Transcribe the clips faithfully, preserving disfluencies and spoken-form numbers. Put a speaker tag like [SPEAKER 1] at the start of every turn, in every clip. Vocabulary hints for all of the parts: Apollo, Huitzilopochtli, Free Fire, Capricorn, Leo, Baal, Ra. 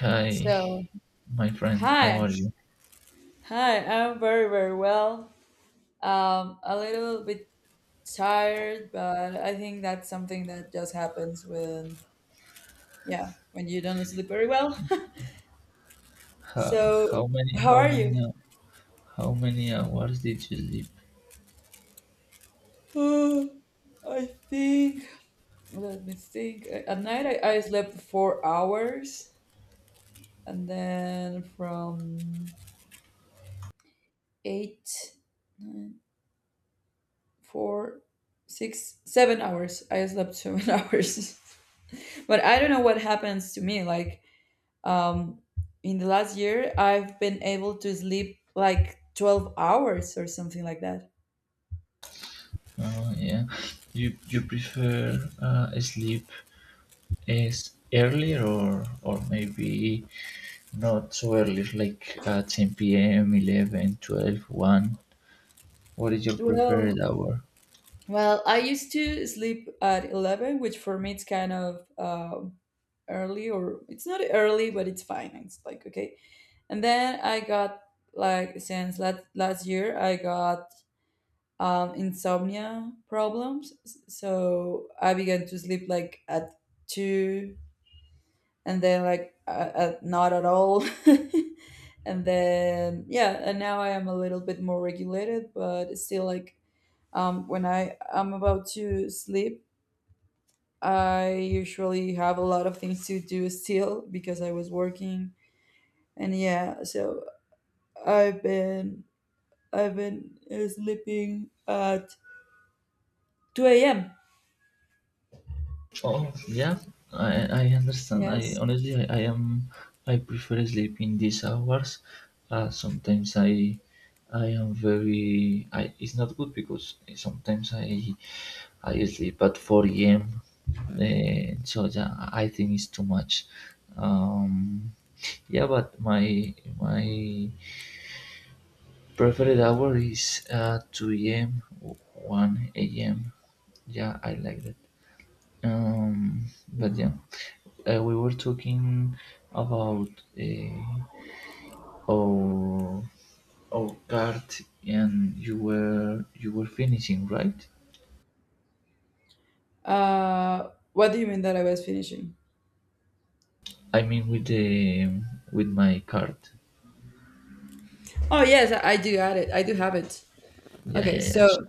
[SPEAKER 1] Hi,
[SPEAKER 2] So,
[SPEAKER 1] my friend. How
[SPEAKER 2] hi,
[SPEAKER 1] are you?
[SPEAKER 2] hi, I'm very, very well. Um, a little bit tired, but I think that's something that just happens when, yeah, when you don't sleep very well.
[SPEAKER 1] How,
[SPEAKER 2] So,
[SPEAKER 1] how many
[SPEAKER 2] how
[SPEAKER 1] how
[SPEAKER 2] are you?
[SPEAKER 1] many hou- how many hours did you sleep?
[SPEAKER 2] Oh, I think, let me think. At night, I, I slept four hours, and then from eight, nine, four, six, seven hours, I slept seven hours. But I don't know what happens to me. Like um, in the last year, I've been able to sleep like twelve hours or something like that.
[SPEAKER 1] Oh yeah. You you prefer uh, sleep as earlier or or maybe not so early like at ten p m, eleven twelve one? What is your preferred
[SPEAKER 2] Well,
[SPEAKER 1] hour?
[SPEAKER 2] well, I used to sleep at eleven, which for me it's kind of um early, or it's not early, but it's fine. It's like okay. And then I got like since last last year, I got um, insomnia problems, so I began to sleep like at two and then like uh, uh, not at all. And then, yeah, and now I am a little bit more regulated, but still, like um, when I am about to sleep, I usually have a lot of things to do still because I was working. And yeah, so i've been i've been uh, sleeping at two a.m.
[SPEAKER 1] Oh yeah, I, I understand. I
[SPEAKER 2] Yes.
[SPEAKER 1] honestly I, I am I prefer sleep in these hours. Uh, sometimes I I am very I it's not good because sometimes I I sleep at four a m. Uh, so yeah, I think it's too much. Um, yeah, but my my preferred hour is uh, two a m one a m. Yeah, I like that. Um, but yeah uh, we were talking about uh, our our card, and you were you were finishing, right?
[SPEAKER 2] Uh, what do you mean that I was finishing?
[SPEAKER 1] I mean, with the with my card.
[SPEAKER 2] Oh yes, i I do add it, I do have it.
[SPEAKER 1] Yeah,
[SPEAKER 2] Okay,
[SPEAKER 1] yeah, yeah.
[SPEAKER 2] so,
[SPEAKER 1] Sure.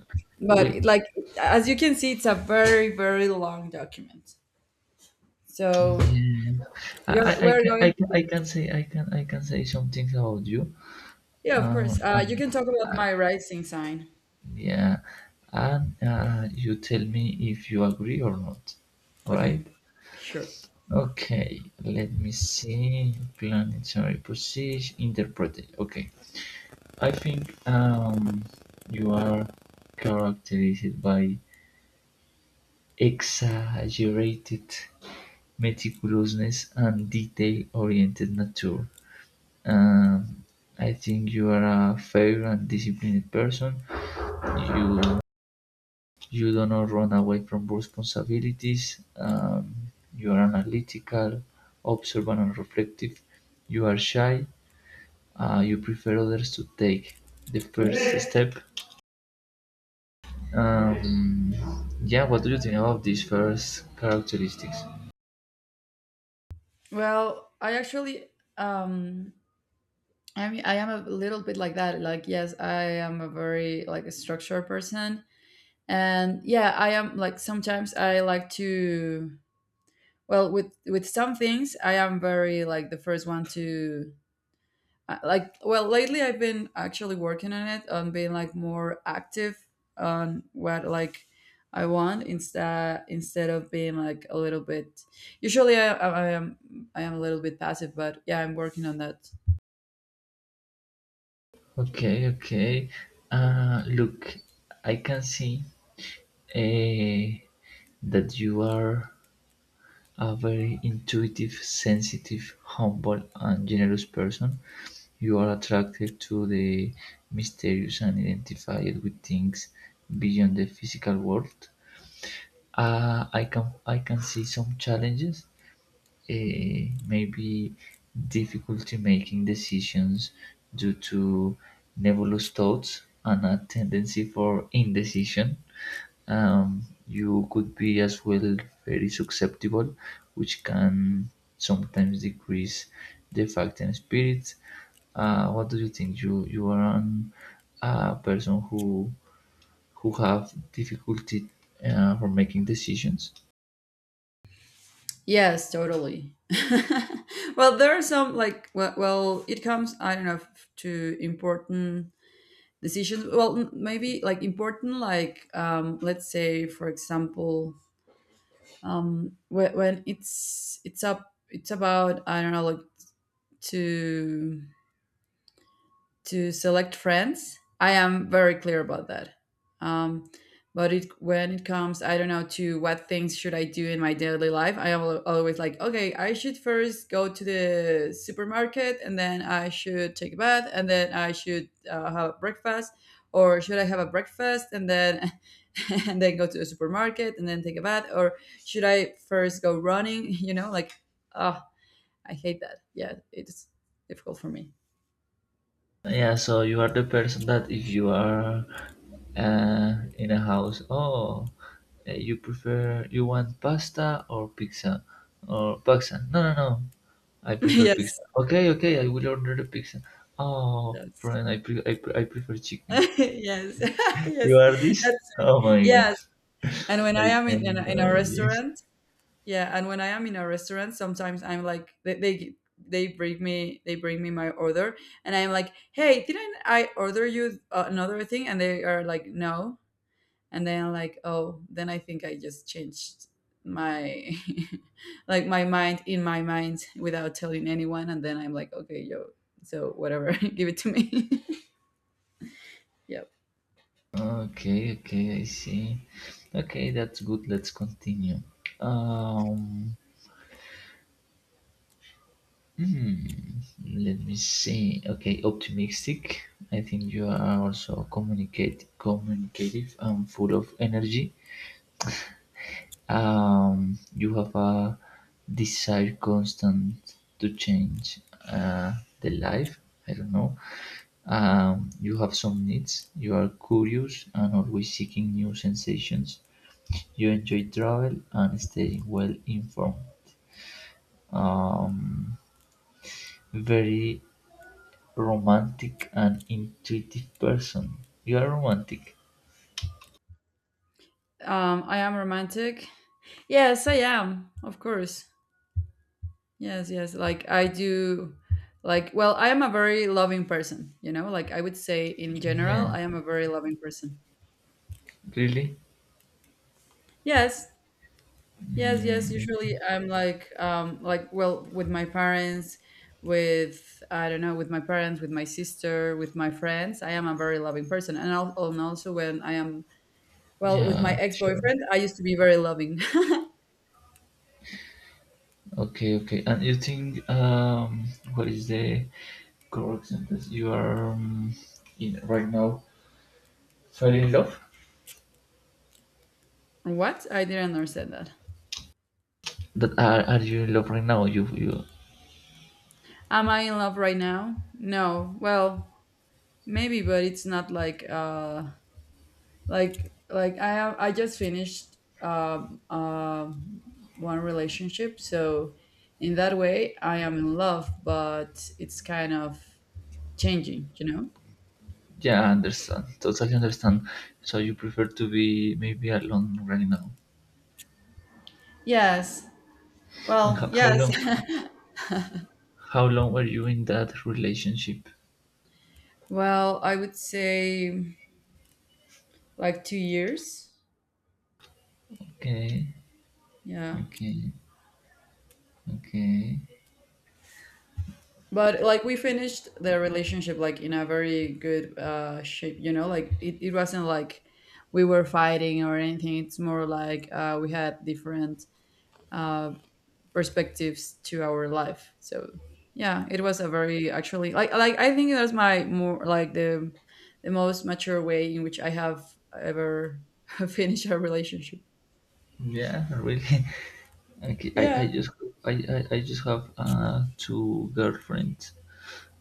[SPEAKER 1] We
[SPEAKER 2] but like, as you can see, it's a very very long document. So
[SPEAKER 1] Yeah. I,
[SPEAKER 2] you're
[SPEAKER 1] I I
[SPEAKER 2] we're
[SPEAKER 1] can I
[SPEAKER 2] going
[SPEAKER 1] can I
[SPEAKER 2] to,
[SPEAKER 1] can say I can I can say some things about you.
[SPEAKER 2] yeah, of course.
[SPEAKER 1] Um,
[SPEAKER 2] Uh, you
[SPEAKER 1] and
[SPEAKER 2] can talk about my rising sign.
[SPEAKER 1] yeah, and uh, you tell me if you agree or not, right?
[SPEAKER 2] Okay, sure.
[SPEAKER 1] Okay, let me see. Planetary position interpreted. Okay, I think um, you are characterized by exaggerated meticulousness and detail-oriented nature. Um, I think you are a fair and disciplined person. You you do not run away from responsibilities. Um, you are analytical, observant, and reflective. You are shy. Uh, you prefer others to take the first step. Um, yeah, what do you think about these first characteristics?
[SPEAKER 2] Well, I actually, um I mean, I am a little bit like that. Like, yes, I am a very, like, a structured person. And yeah, I am like sometimes I like to, well, with with some things I am very like the first one to, uh, like, well lately I've been actually working on it, on being like more active on what, like, I want, instead instead of being like a little bit, usually I, I I am i am a little bit passive, but yeah, I'm working on that.
[SPEAKER 1] Okay, okay. Uh, look, I can see uh, that you are a very intuitive, sensitive, humble, and generous person. You are attracted to the mysterious and identified with things beyond the physical world. Uh, I can I can see some challenges, eh, maybe difficulty making decisions due to nebulous thoughts and a tendency for indecision. Um, you could be as well very susceptible, which can sometimes decrease the fact and spirit. Uh, what do you think? You you are an, a person who who have difficulty uh, for making decisions.
[SPEAKER 2] Yes, totally. Well, there are some, like, well, well it comes, I don't know, f- to important decisions. Well, m- maybe like important, like, um let's say, for example, um when, when it's it's up it's about, I don't know, like, to to select friends. I am very clear about that. Um, but it, when it comes, I don't know, to what things should I do in my daily life, I am al- always like, okay, I should first go to the supermarket and then I should take a bath and then I should, uh, have breakfast, or should I have a breakfast and then and then go to the supermarket and then take a bath, or should I first go running? You know, like, oh, I hate that. Yeah, it's difficult for me.
[SPEAKER 1] Yeah, so you are the person that if you are uh, in a house, oh, uh, you prefer, you want pasta or pizza? Or pizza? No, no, no. I prefer
[SPEAKER 2] Yes.
[SPEAKER 1] pizza. Okay, okay, I will order the pizza. Oh,
[SPEAKER 2] Yes.
[SPEAKER 1] friend, I, pre- I, pre- I prefer chicken.
[SPEAKER 2] Yes.
[SPEAKER 1] You
[SPEAKER 2] Yes.
[SPEAKER 1] are this?
[SPEAKER 2] That's
[SPEAKER 1] Oh
[SPEAKER 2] it.
[SPEAKER 1] my god,
[SPEAKER 2] Yes. And when I
[SPEAKER 1] I
[SPEAKER 2] am
[SPEAKER 1] can
[SPEAKER 2] in, in a, in a
[SPEAKER 1] imagine.
[SPEAKER 2] restaurant, yeah, and when I am in a restaurant, sometimes I'm like, they, they they bring me, they bring me my order, and I'm like, "Hey, didn't I order you uh, another thing?" And they are like, "No." And then I'm like, "Oh, then I think I just changed my like my mind, in my mind, without telling anyone." And then I'm like, "Okay, yo, so whatever, give it to me." Yep.
[SPEAKER 1] Okay, okay, I see. Okay, that's good. Let's continue. Um, Hmm, let me see. Okay, optimistic. I think you are also communicate communicative and full of energy. Um, you have a desire constant to change uh, the life. I don't know. Um, you have some needs. You are curious and always seeking new sensations. You enjoy travel and staying well informed. Um, Very romantic and intuitive person. You are romantic.
[SPEAKER 2] Um, I am romantic. Yes, I am. Of course. Yes, yes. Like, I do, like, well, I am a very loving person, you know? Like, I would say in general,
[SPEAKER 1] Yeah,
[SPEAKER 2] I am a very loving person.
[SPEAKER 1] really?
[SPEAKER 2] Yes. Yes, yes.
[SPEAKER 1] Mm,
[SPEAKER 2] Usually
[SPEAKER 1] okay.
[SPEAKER 2] I'm like, um like, well, with my parents, with, I don't know, with my parents, with my sister, with my friends, I am a very loving person. And al- and also when I am, well, with
[SPEAKER 1] Yeah,
[SPEAKER 2] my
[SPEAKER 1] sure.
[SPEAKER 2] ex-boyfriend, I used to be very loving.
[SPEAKER 1] Okay, okay. And you think um what is the correct sentence? You are um, in right now fell in love?
[SPEAKER 2] What? I didn't understand that.
[SPEAKER 1] That are are you in love right now? You you
[SPEAKER 2] Am I in love right now? No. Well, maybe, but it's not like uh like, like I have, I just finished um um one relationship, so in that way I am in love, but it's kind of changing, you know?
[SPEAKER 1] Yeah, I understand. Totally understand. So you prefer to be maybe alone right now.
[SPEAKER 2] Yes.
[SPEAKER 1] And
[SPEAKER 2] Well,
[SPEAKER 1] how, how
[SPEAKER 2] yes.
[SPEAKER 1] long how long were you in that relationship?
[SPEAKER 2] Well, I would say like two years.
[SPEAKER 1] Okay,
[SPEAKER 2] Yeah.
[SPEAKER 1] okay, okay.
[SPEAKER 2] But like we finished the relationship like in a very good uh shape, you know, like, it, it wasn't like we were fighting or anything. It's more like, uh we had different uh perspectives to our life. So yeah, it was a very, actually, like like I think that's my more, like, the the most mature way in which I have ever finished a relationship.
[SPEAKER 1] Yeah, really. Okay, I, I
[SPEAKER 2] Yeah.
[SPEAKER 1] just I, I, I just have uh, two girlfriends.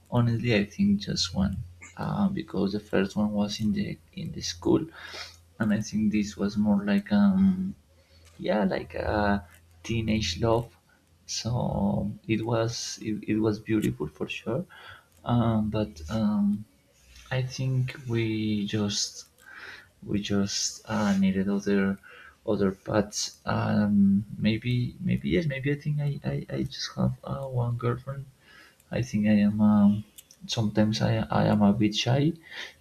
[SPEAKER 1] Honestly, I think just one, uh, because the first one was in the in the school, and I think this was more like um yeah, like a teenage love. So it was it, it was beautiful for sure, um, but um, I think we just we just uh, needed other other paths. Um, maybe maybe yes, maybe I think I, I, I just have uh, one girlfriend. I think I am um, sometimes I, I am a bit shy,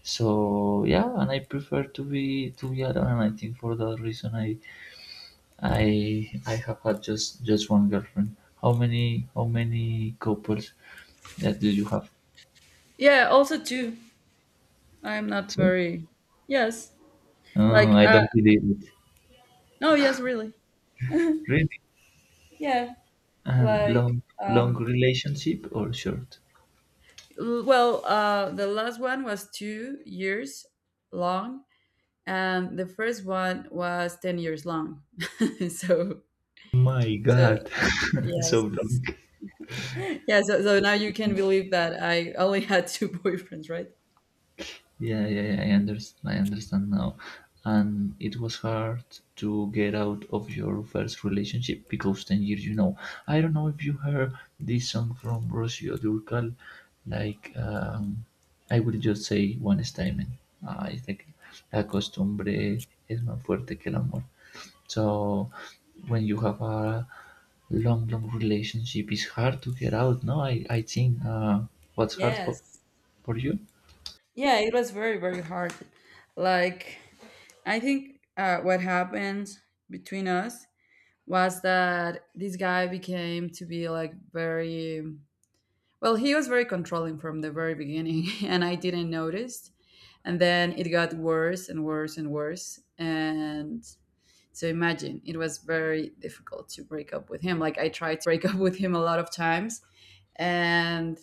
[SPEAKER 1] so yeah, and I prefer to be to be alone. And I think for that reason I I I have had just just one girlfriend. How many how many couples that do you have?
[SPEAKER 2] Yeah, also too. I'm not
[SPEAKER 1] Two.
[SPEAKER 2] very. Yes.
[SPEAKER 1] Uh,
[SPEAKER 2] Like,
[SPEAKER 1] I
[SPEAKER 2] uh,
[SPEAKER 1] don't believe it.
[SPEAKER 2] no, yes, really.
[SPEAKER 1] Really?
[SPEAKER 2] Yeah.
[SPEAKER 1] And
[SPEAKER 2] Like,
[SPEAKER 1] long, long
[SPEAKER 2] um,
[SPEAKER 1] relationship or short?
[SPEAKER 2] l- well, uh, the last one was two years long, and the first one was ten years long. So,
[SPEAKER 1] My
[SPEAKER 2] so
[SPEAKER 1] God, so
[SPEAKER 2] yes,
[SPEAKER 1] long.
[SPEAKER 2] yeah. So, so now you can believe that I only had two boyfriends, right?
[SPEAKER 1] Yeah, yeah, yeah. I understand. I understand now. And it was hard to get out of your first relationship, because ten years. You know, I don't know if you heard this song from Rocío Dúrcal, like um, I will just say one statement. Uh, it's like la costumbre es más fuerte que el amor. So when you have a long, long relationship, it's hard to get out, no? I i think. Uh what's hard for
[SPEAKER 2] Yes.
[SPEAKER 1] for you?
[SPEAKER 2] Yeah, it was very, very hard. Like, I think, uh, what happened between us was that this guy became to be like very, well, he was very controlling from the very beginning, and I didn't notice. And then it got worse and worse and worse. And so imagine, it was very difficult to break up with him. Like, I tried to break up with him a lot of times. And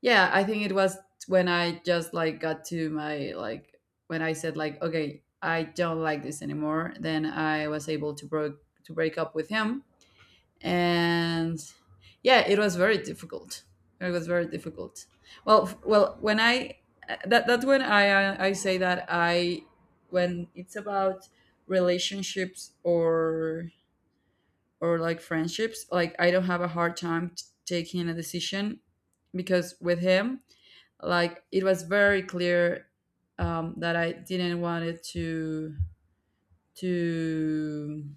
[SPEAKER 2] yeah, I think it was when I just like got to my, like, when I said, like, okay, I don't like this anymore, then I was able to break to break up with him. And yeah, it was very difficult it was very difficult, well, f- well, when I, that that's when I, uh, I say that I, when it's about relationships or or like friendships, like, I don't have a hard time t- taking a decision, because with him, like, it was very clear, um, that I didn't want it to to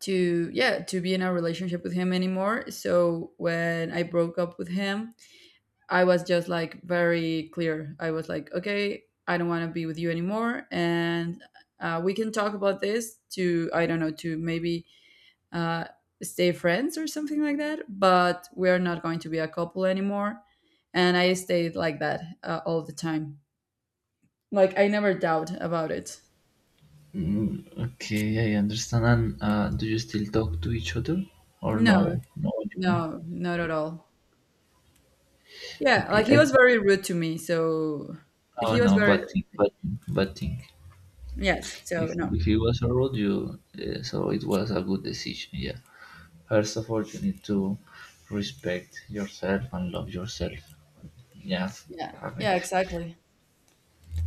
[SPEAKER 2] to, yeah, to be in a relationship with him anymore. So when I broke up with him, I was just like very clear. I was like, okay, I don't want to be with you anymore, and, uh, we can talk about this to, I don't know, to maybe, uh, stay friends or something like that. But we're not going to be a couple anymore, and I stayed like that, uh, all the time. Like, I never doubt about it.
[SPEAKER 1] Mm, okay, I understand. And uh, do you still talk to each other, or
[SPEAKER 2] No,
[SPEAKER 1] no? No anymore.
[SPEAKER 2] no, not at all. Yeah,
[SPEAKER 1] Okay,
[SPEAKER 2] like he
[SPEAKER 1] I
[SPEAKER 2] was
[SPEAKER 1] think.
[SPEAKER 2] very rude to me, so
[SPEAKER 1] Oh
[SPEAKER 2] he was
[SPEAKER 1] no,
[SPEAKER 2] very,
[SPEAKER 1] but think, but think, but think.
[SPEAKER 2] yes. So
[SPEAKER 1] If
[SPEAKER 2] no,
[SPEAKER 1] if it was a road, you uh, so it was a good decision. Yeah. First of all, you need to respect yourself and love yourself. Yeah,
[SPEAKER 2] yeah,
[SPEAKER 1] I mean.
[SPEAKER 2] yeah, exactly.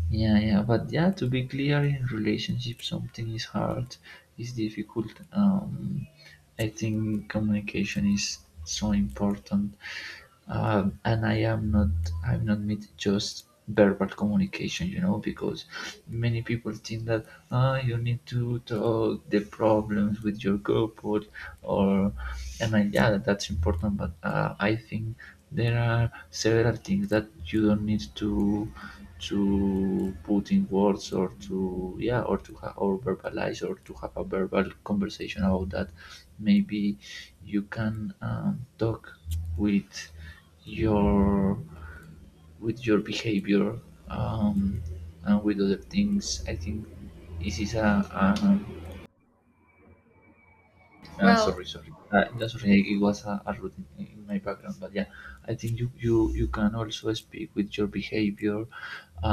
[SPEAKER 1] Yeah, yeah, but yeah, to be clear, in relationship, something is hard, is difficult. Um, I think communication is so important, um, and I am not, I'm not meant just verbal communication, you know, because many people think that ah, you need to talk the problems with your couple, or and I, yeah, that's important, but uh, I think there are several things that you don't need to to put in words or to yeah or to ha- or verbalize or to have a verbal conversation about that. Maybe you can um, talk with your with your behavior um, and with other things. I think this is a, a, a,
[SPEAKER 2] Well,
[SPEAKER 1] sorry, sorry, uh, no, sorry, it was a, a root in, in my background, but yeah, I think you, you you can also speak with your behavior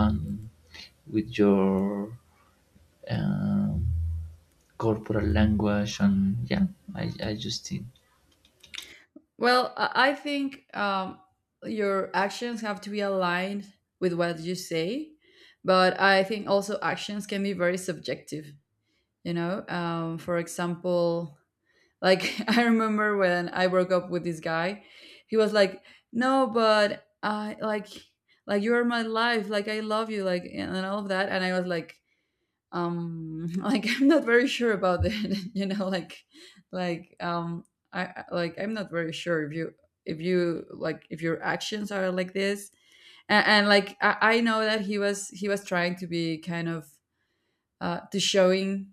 [SPEAKER 1] and with your um, corporal language, and yeah, i, I just think.
[SPEAKER 2] Well, I I think, um, your actions have to be aligned with what you say, but I think also actions can be very subjective. You know, um, for example, like, I remember when I broke up with this guy, he was like, "No, but I like, like you are my life, like I love you, like and all of that," and I was like, um, like, I'm not very sure about it. You know, like, like um i I- like, I'm not very sure if you, if you like, if your actions are like this. And, and like, I, I know that he was he was trying to be kind of, uh to showing,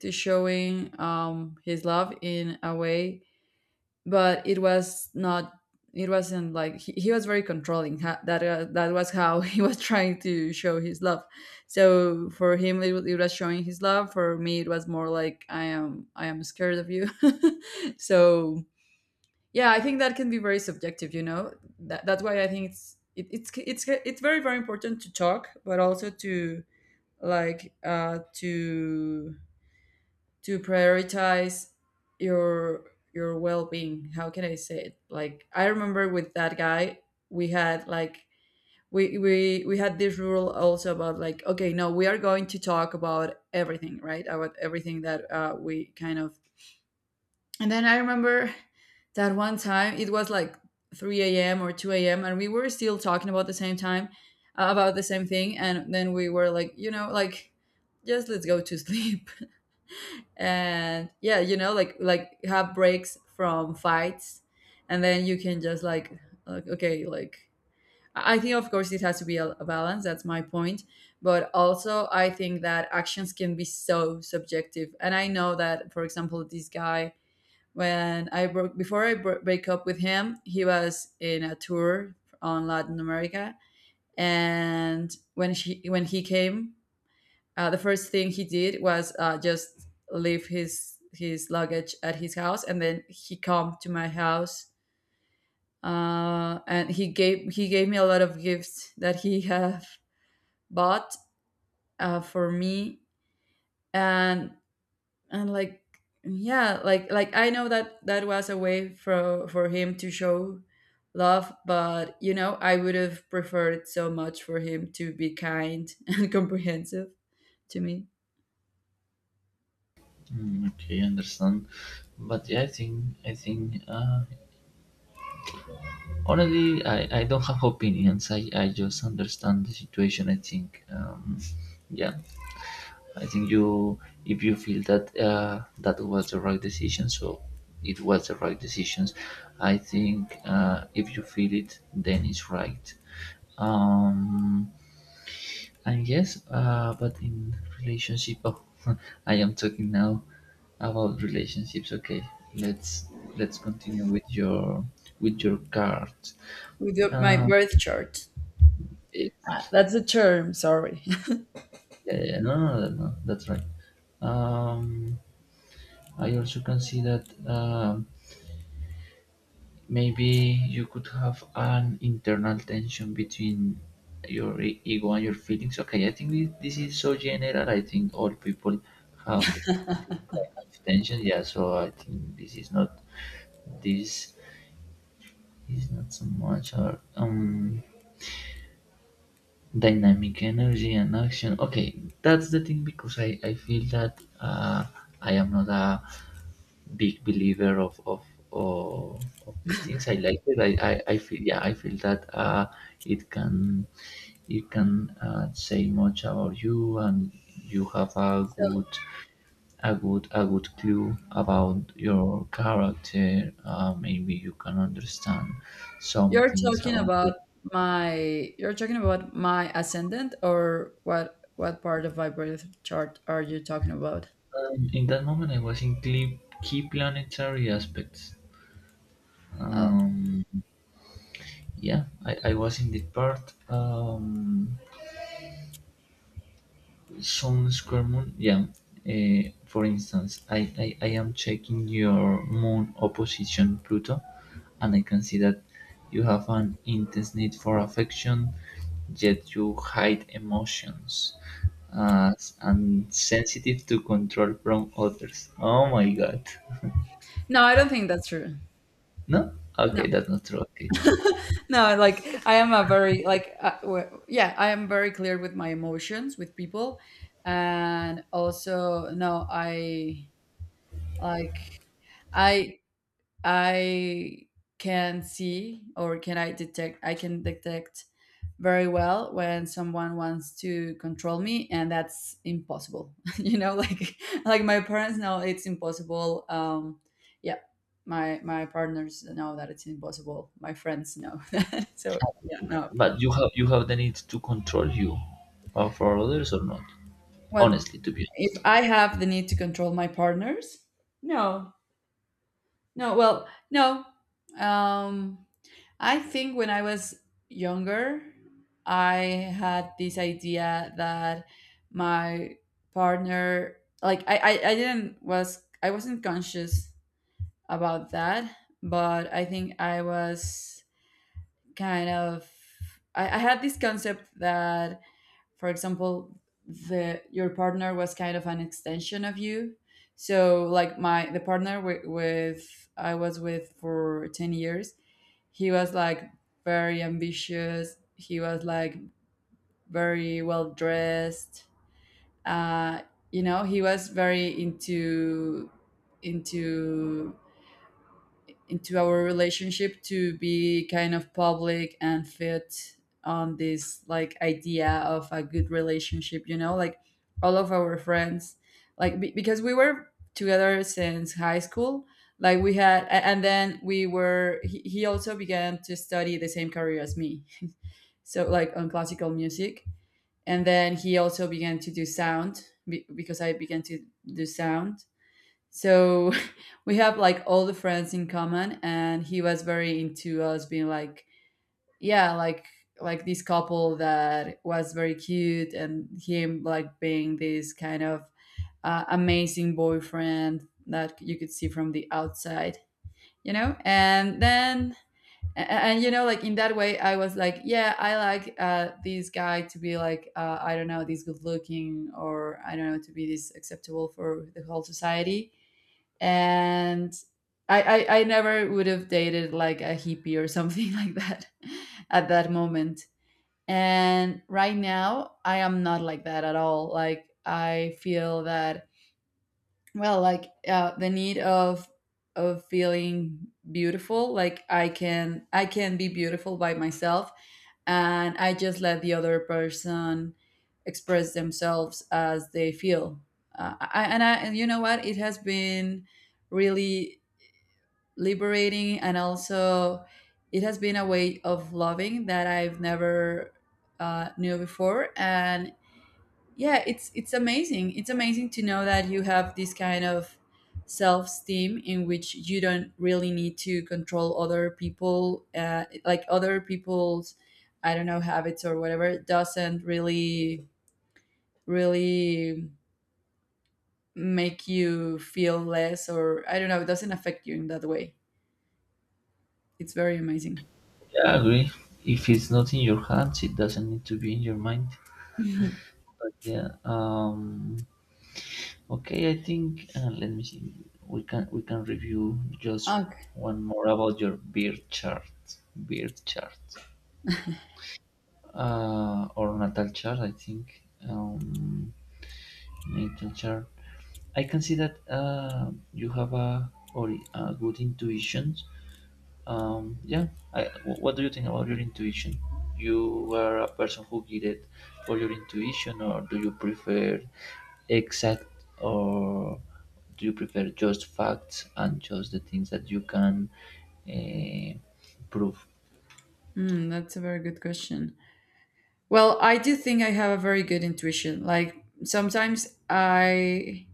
[SPEAKER 2] to showing um, his love in a way, but it was not, it wasn't like, he, he was very controlling, ha- that, uh, that was how he was trying to show his love. So for him it, wa- it was showing his love. For me it was more like, I am, i am scared of you. So yeah, I think that can be very subjective, you know? That, that's why I think it's it, it's it's it's very very important to talk, but also to, like, uh to to prioritize your your well-being. How can I say it? Like, I remember with that guy, we had like, we we we had this rule also about, like, okay, no, we are going to talk about everything, right? About everything that, uh, we kind of, and then I remember that one time it was like three a.m or two a.m and we were still talking about the same time, uh, about the same thing. And then we were like, you know, like, just let's go to sleep. And yeah, you know, like, like have breaks from fights, and then you can just like like okay, like, i I think, of course, it has to be a, a balance. That's my point. But also I think that actions can be so subjective, and I know that for example, this guy, when I broke, before I bro- break up with him, he was in a tour on Latin America. And when she when he came, uh, the first thing he did was, uh, just leave his his luggage at his house, and then he come to my house, uh, and he gave he gave me a lot of Gifts that he have bought uh, for me, and and like yeah, like like I know that that was a way for for him to show love, but you know I would have preferred so much for him to be kind and comprehensive to me
[SPEAKER 1] Mm, okay, understand. But yeah, i think I think uh, honestly, I, I don't have opinions. I, I just understand the situation, I think. Um, yeah, I think, you, if you feel that uh, that was the right decision, so it was the right decisions. I think, uh, if you feel it, then it's right. um, And yes, uh, but in relationship, oh, I am talking now about relationships. Okay, let's let's continue with your with your card.
[SPEAKER 2] without my
[SPEAKER 1] Um,
[SPEAKER 2] birth chart. Uh,
[SPEAKER 1] it's-
[SPEAKER 2] that's the term, sorry.
[SPEAKER 1] yeah, yeah, no, no, no, no, that's right. Um, I also consider that. Um, Maybe you could have an internal tension between your e- ego and your feelings. Okay, I think thi- this is so general. I think all people have the kind of tension. Yeah, so I think this is not this is not so much. Or, um, dynamic energy and action, okay, that's the thing, because i i feel that uh I am not a big believer of of of, of these things. I like it. I, I i feel. Yeah, i feel that uh it can it can uh, say much about you, and you have a
[SPEAKER 2] So
[SPEAKER 1] good, a good a good clue about your character. Uh, maybe you can understand some
[SPEAKER 2] you're
[SPEAKER 1] things
[SPEAKER 2] talking
[SPEAKER 1] about
[SPEAKER 2] about
[SPEAKER 1] your...
[SPEAKER 2] my you're talking about my ascendant, or what what part of my birth chart are you talking about?
[SPEAKER 1] Um, in that moment, I was in cle- key planetary aspects.
[SPEAKER 2] Oh.
[SPEAKER 1] um, yeah, I, I was in the part, um, sun square moon, yeah. Uh, for instance, I, I, I am checking your moon opposition Pluto, and I can see that you have an intense need for affection, yet you hide emotions as and sensitive to control from others. Oh my god.
[SPEAKER 2] No, I don't think that's true.
[SPEAKER 1] No. Okay,
[SPEAKER 2] No.
[SPEAKER 1] that's not true. Okay.
[SPEAKER 2] No, like I am a very like uh, w- yeah, I am very clear with my emotions with people and also no, I like I I can see, or can I detect? I can detect very well when someone wants to control me, and that's impossible you know, like like my parents know, it's impossible. Um, yeah, my my partners know that it's impossible, my friends know that. So, yeah, no.
[SPEAKER 1] But you have you have the need to control you, uh, for others or not.
[SPEAKER 2] Well,
[SPEAKER 1] Honestly, to be
[SPEAKER 2] if
[SPEAKER 1] honest.
[SPEAKER 2] I have the need to control my partners, no. No, well, no. Um, I think when I was younger, I had this idea that my partner, like I, I, I didn't was I wasn't conscious about that, but I think I was kind of, I, I had this concept that, for example, the your partner was kind of an extension of you. So like my the partner with, with I was with for ten years, he was like very ambitious, he was like very well dressed, uh, you know, he was very into into into our relationship to be kind of public and fit on this like idea of a good relationship, you know, like all of our friends, like be- because we were together since high school. Like we had a- and then we were he, he also began to study the same career as me, so like on classical music. And then he also began to do sound be- because I began to do sound. So we have like all the friends in common, and he was very into us being like, yeah, like like this couple that was very cute, and him like being this kind of uh, amazing boyfriend that you could see from the outside, you know. And then and, and you know, like in that way I was like, yeah, I like uh, this guy to be like uh, I don't know, this good looking, or I don't know, to be this acceptable for the whole society. And I, I I never would have dated like a hippie or something like that at that moment. And right now, I am not like that at all. Like I feel that, well, like uh, the need of of feeling beautiful. Like I can I can be beautiful by myself, and I just let the other person express themselves as they feel. Uh, I, and I and you know what? It has been really liberating, and also it has been a way of loving that I've never uh, knew before. And yeah, it's it's amazing, it's amazing to know that you have this kind of self-esteem, in which you don't really need to control other people, uh, like other people's, I don't know, habits or whatever, doesn't really really make you feel less, or I don't know, it doesn't affect you in that way. It's very amazing.
[SPEAKER 1] Yeah, I agree. If it's not in your hands, it doesn't need to be in your mind. But yeah, um, okay. I think uh, let me see. We can we can review just
[SPEAKER 2] Okay.
[SPEAKER 1] one more about your beard chart, beard chart, uh, or natal chart. I think um, natal chart. I can see that uh, you have a or a good intuition. Um, yeah, I, wh- what do you think about your intuition? You were a person who guided for your intuition, or do you prefer exact, or do you prefer just facts and just the things that you can uh, prove?
[SPEAKER 2] Mm, that's a very good question. Well, I do think I have a very good intuition. Like sometimes I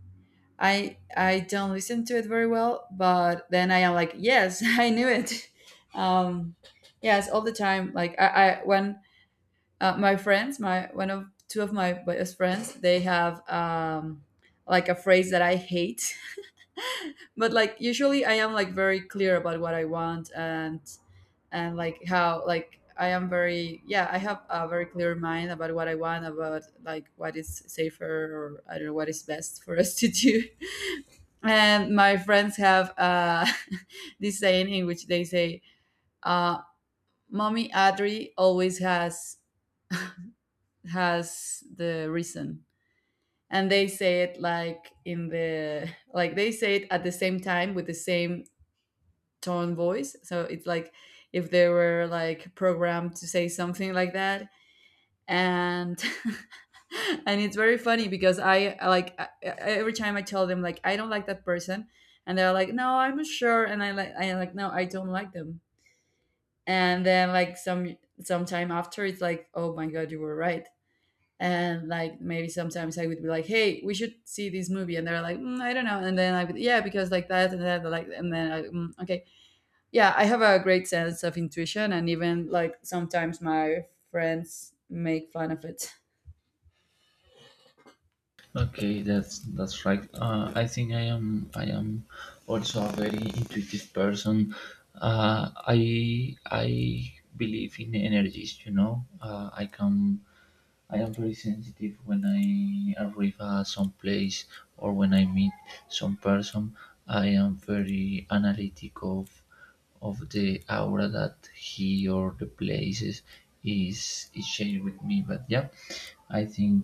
[SPEAKER 2] I I don't listen to it very well, but then I am like, yes, I knew it. Um, yes, all the time. Like I, I when uh, my friends, my one of two of my best friends, they have, um, like a phrase that I hate, but like usually I am like very clear about what I want. And and like how like I am very, yeah, I have a very clear mind about what I want, about like what is safer, or I don't know, what is best for us to do. And my friends have uh, this saying in which they say, uh, "Mommy Adri always has has the reason," and they say it like in the, like they say it at the same time with the same tone voice. So it's like if they were like programmed to say something like that. And and it's very funny, because I I like I, I- every time I tell them like, I don't like that person, and they're like, no, I'm not sure, and I like I like no, I don't like them. And then like some some time after it's like, oh my god, you were right. And like maybe sometimes I would be like, "Hey, we should see this movie," and they're like, mm, "I don't know," and then I would, "Yeah, because like that and that, like," and then I, mm, okay, yeah, I have a great sense of intuition, and even like sometimes my friends make fun of it.
[SPEAKER 1] Okay, that's that's right. Uh, I think I am I am also a very intuitive person. Uh, I I believe in energies. You know, uh, I can I am very sensitive when I arrive at some place or when I meet some person. I am very analytic of of the aura that he or the places is is sharing with me. But yeah, I think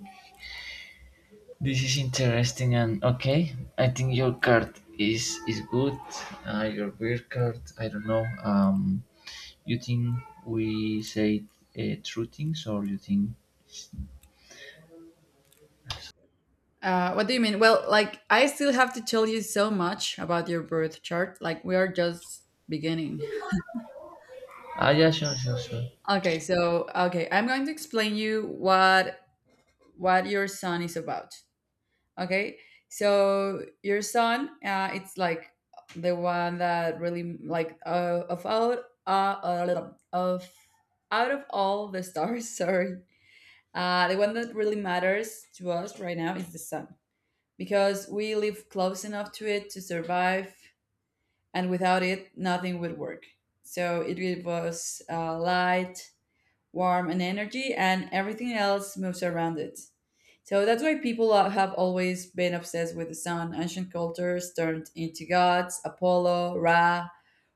[SPEAKER 1] this is interesting, and okay. I think your card is is good. Uh, your beer card. I don't know. Um, you think we said uh, true things, or you think...
[SPEAKER 2] Uh, what do you mean? Well, like I still have to tell you so much about your birth chart. Like we are just beginning.
[SPEAKER 1] Ah, yeah, sure, sure, sure.
[SPEAKER 2] Okay, so okay, I'm going to explain you what what your son is about. Okay, so your son, uh, it's like the one that really like uh, of out uh, uh, of out of all the stars. Sorry, uh, the one that really matters to us right now is the sun, because we live close enough to it to survive, and without it, nothing would work. So it gave us uh, light, warmth, and energy, and everything else moves around it. So that's why people are- have always been obsessed with the sun. Ancient cultures turned into gods, Apollo, Ra,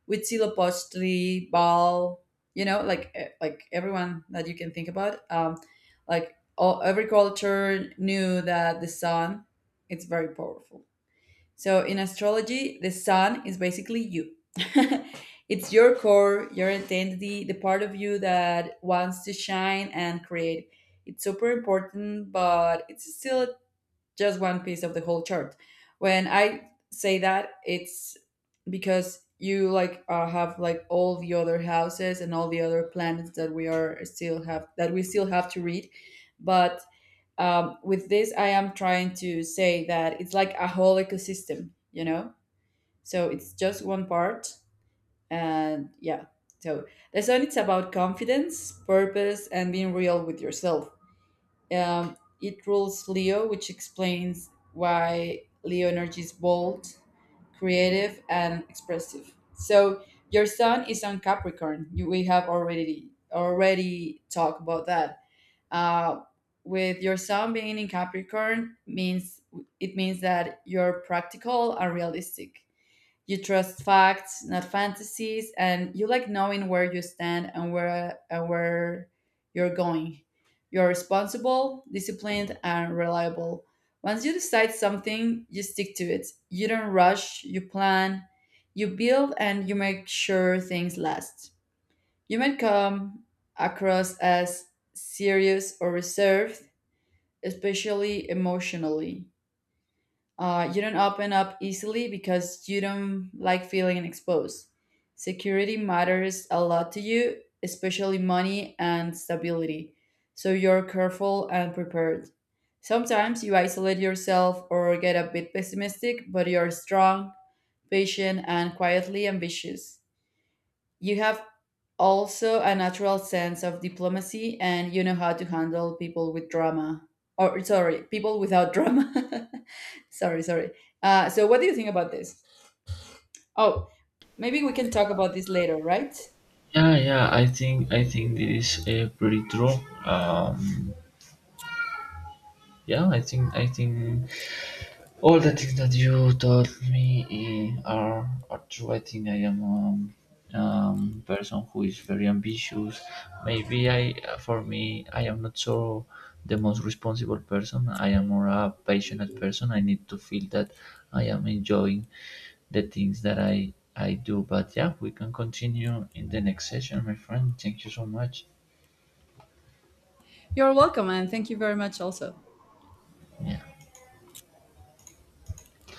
[SPEAKER 2] Huitzilopochtli, Baal. You know, like eh, like everyone that you can think about. Um, like all, every culture knew that the sun, it's very powerful. So in astrology, the sun is basically you. It's your core, your identity, the part of you that wants to shine and create. It's super important, but it's still just one piece of the whole chart. When I say that, it's because you like, uh, have like all the other houses and all the other planets that we are still have that we still have to read, but um, with this I am trying to say that it's like a whole ecosystem, you know, so it's just one part. And yeah, so the sun, it's about confidence, purpose, and being real with yourself. Um, it rules Leo, which explains why Leo energy is bold, creative, and expressive. So your sun is on Capricorn, you, we have already already talked about that. Uh, with your sun being in Capricorn means it means that you're practical and realistic. You trust facts, not fantasies, and you like knowing where you stand and where and where you're going. You're responsible, disciplined, and reliable. Once you decide something, you stick to it. You don't rush, you plan, you build, and you make sure things last. You might come across as serious or reserved, especially emotionally. Uh, you don't open up easily because you don't like feeling exposed. Security matters a lot to you, especially money and stability. So you're careful and prepared. Sometimes you isolate yourself or get a bit pessimistic, but you're strong, patient, and quietly ambitious. You have also a natural sense of diplomacy, and you know how to handle people with drama. Or, sorry, people without drama. Sorry, sorry. Uh, so, what do you think about this? Oh, maybe we can talk about this later, right?
[SPEAKER 1] Yeah, yeah. I think I think this is a pretty true. Um, yeah, I think I think all the things that you taught me, eh, are are true. I think I am a um, um, person who is very ambitious. Maybe I, for me, I am not so the most responsible person. I am more a passionate person. I need to feel that I am enjoying the things that I I do. But yeah, we can continue in the next session, my friend. Thank you so much.
[SPEAKER 2] You're welcome, and thank you very much also.
[SPEAKER 1] Yeah.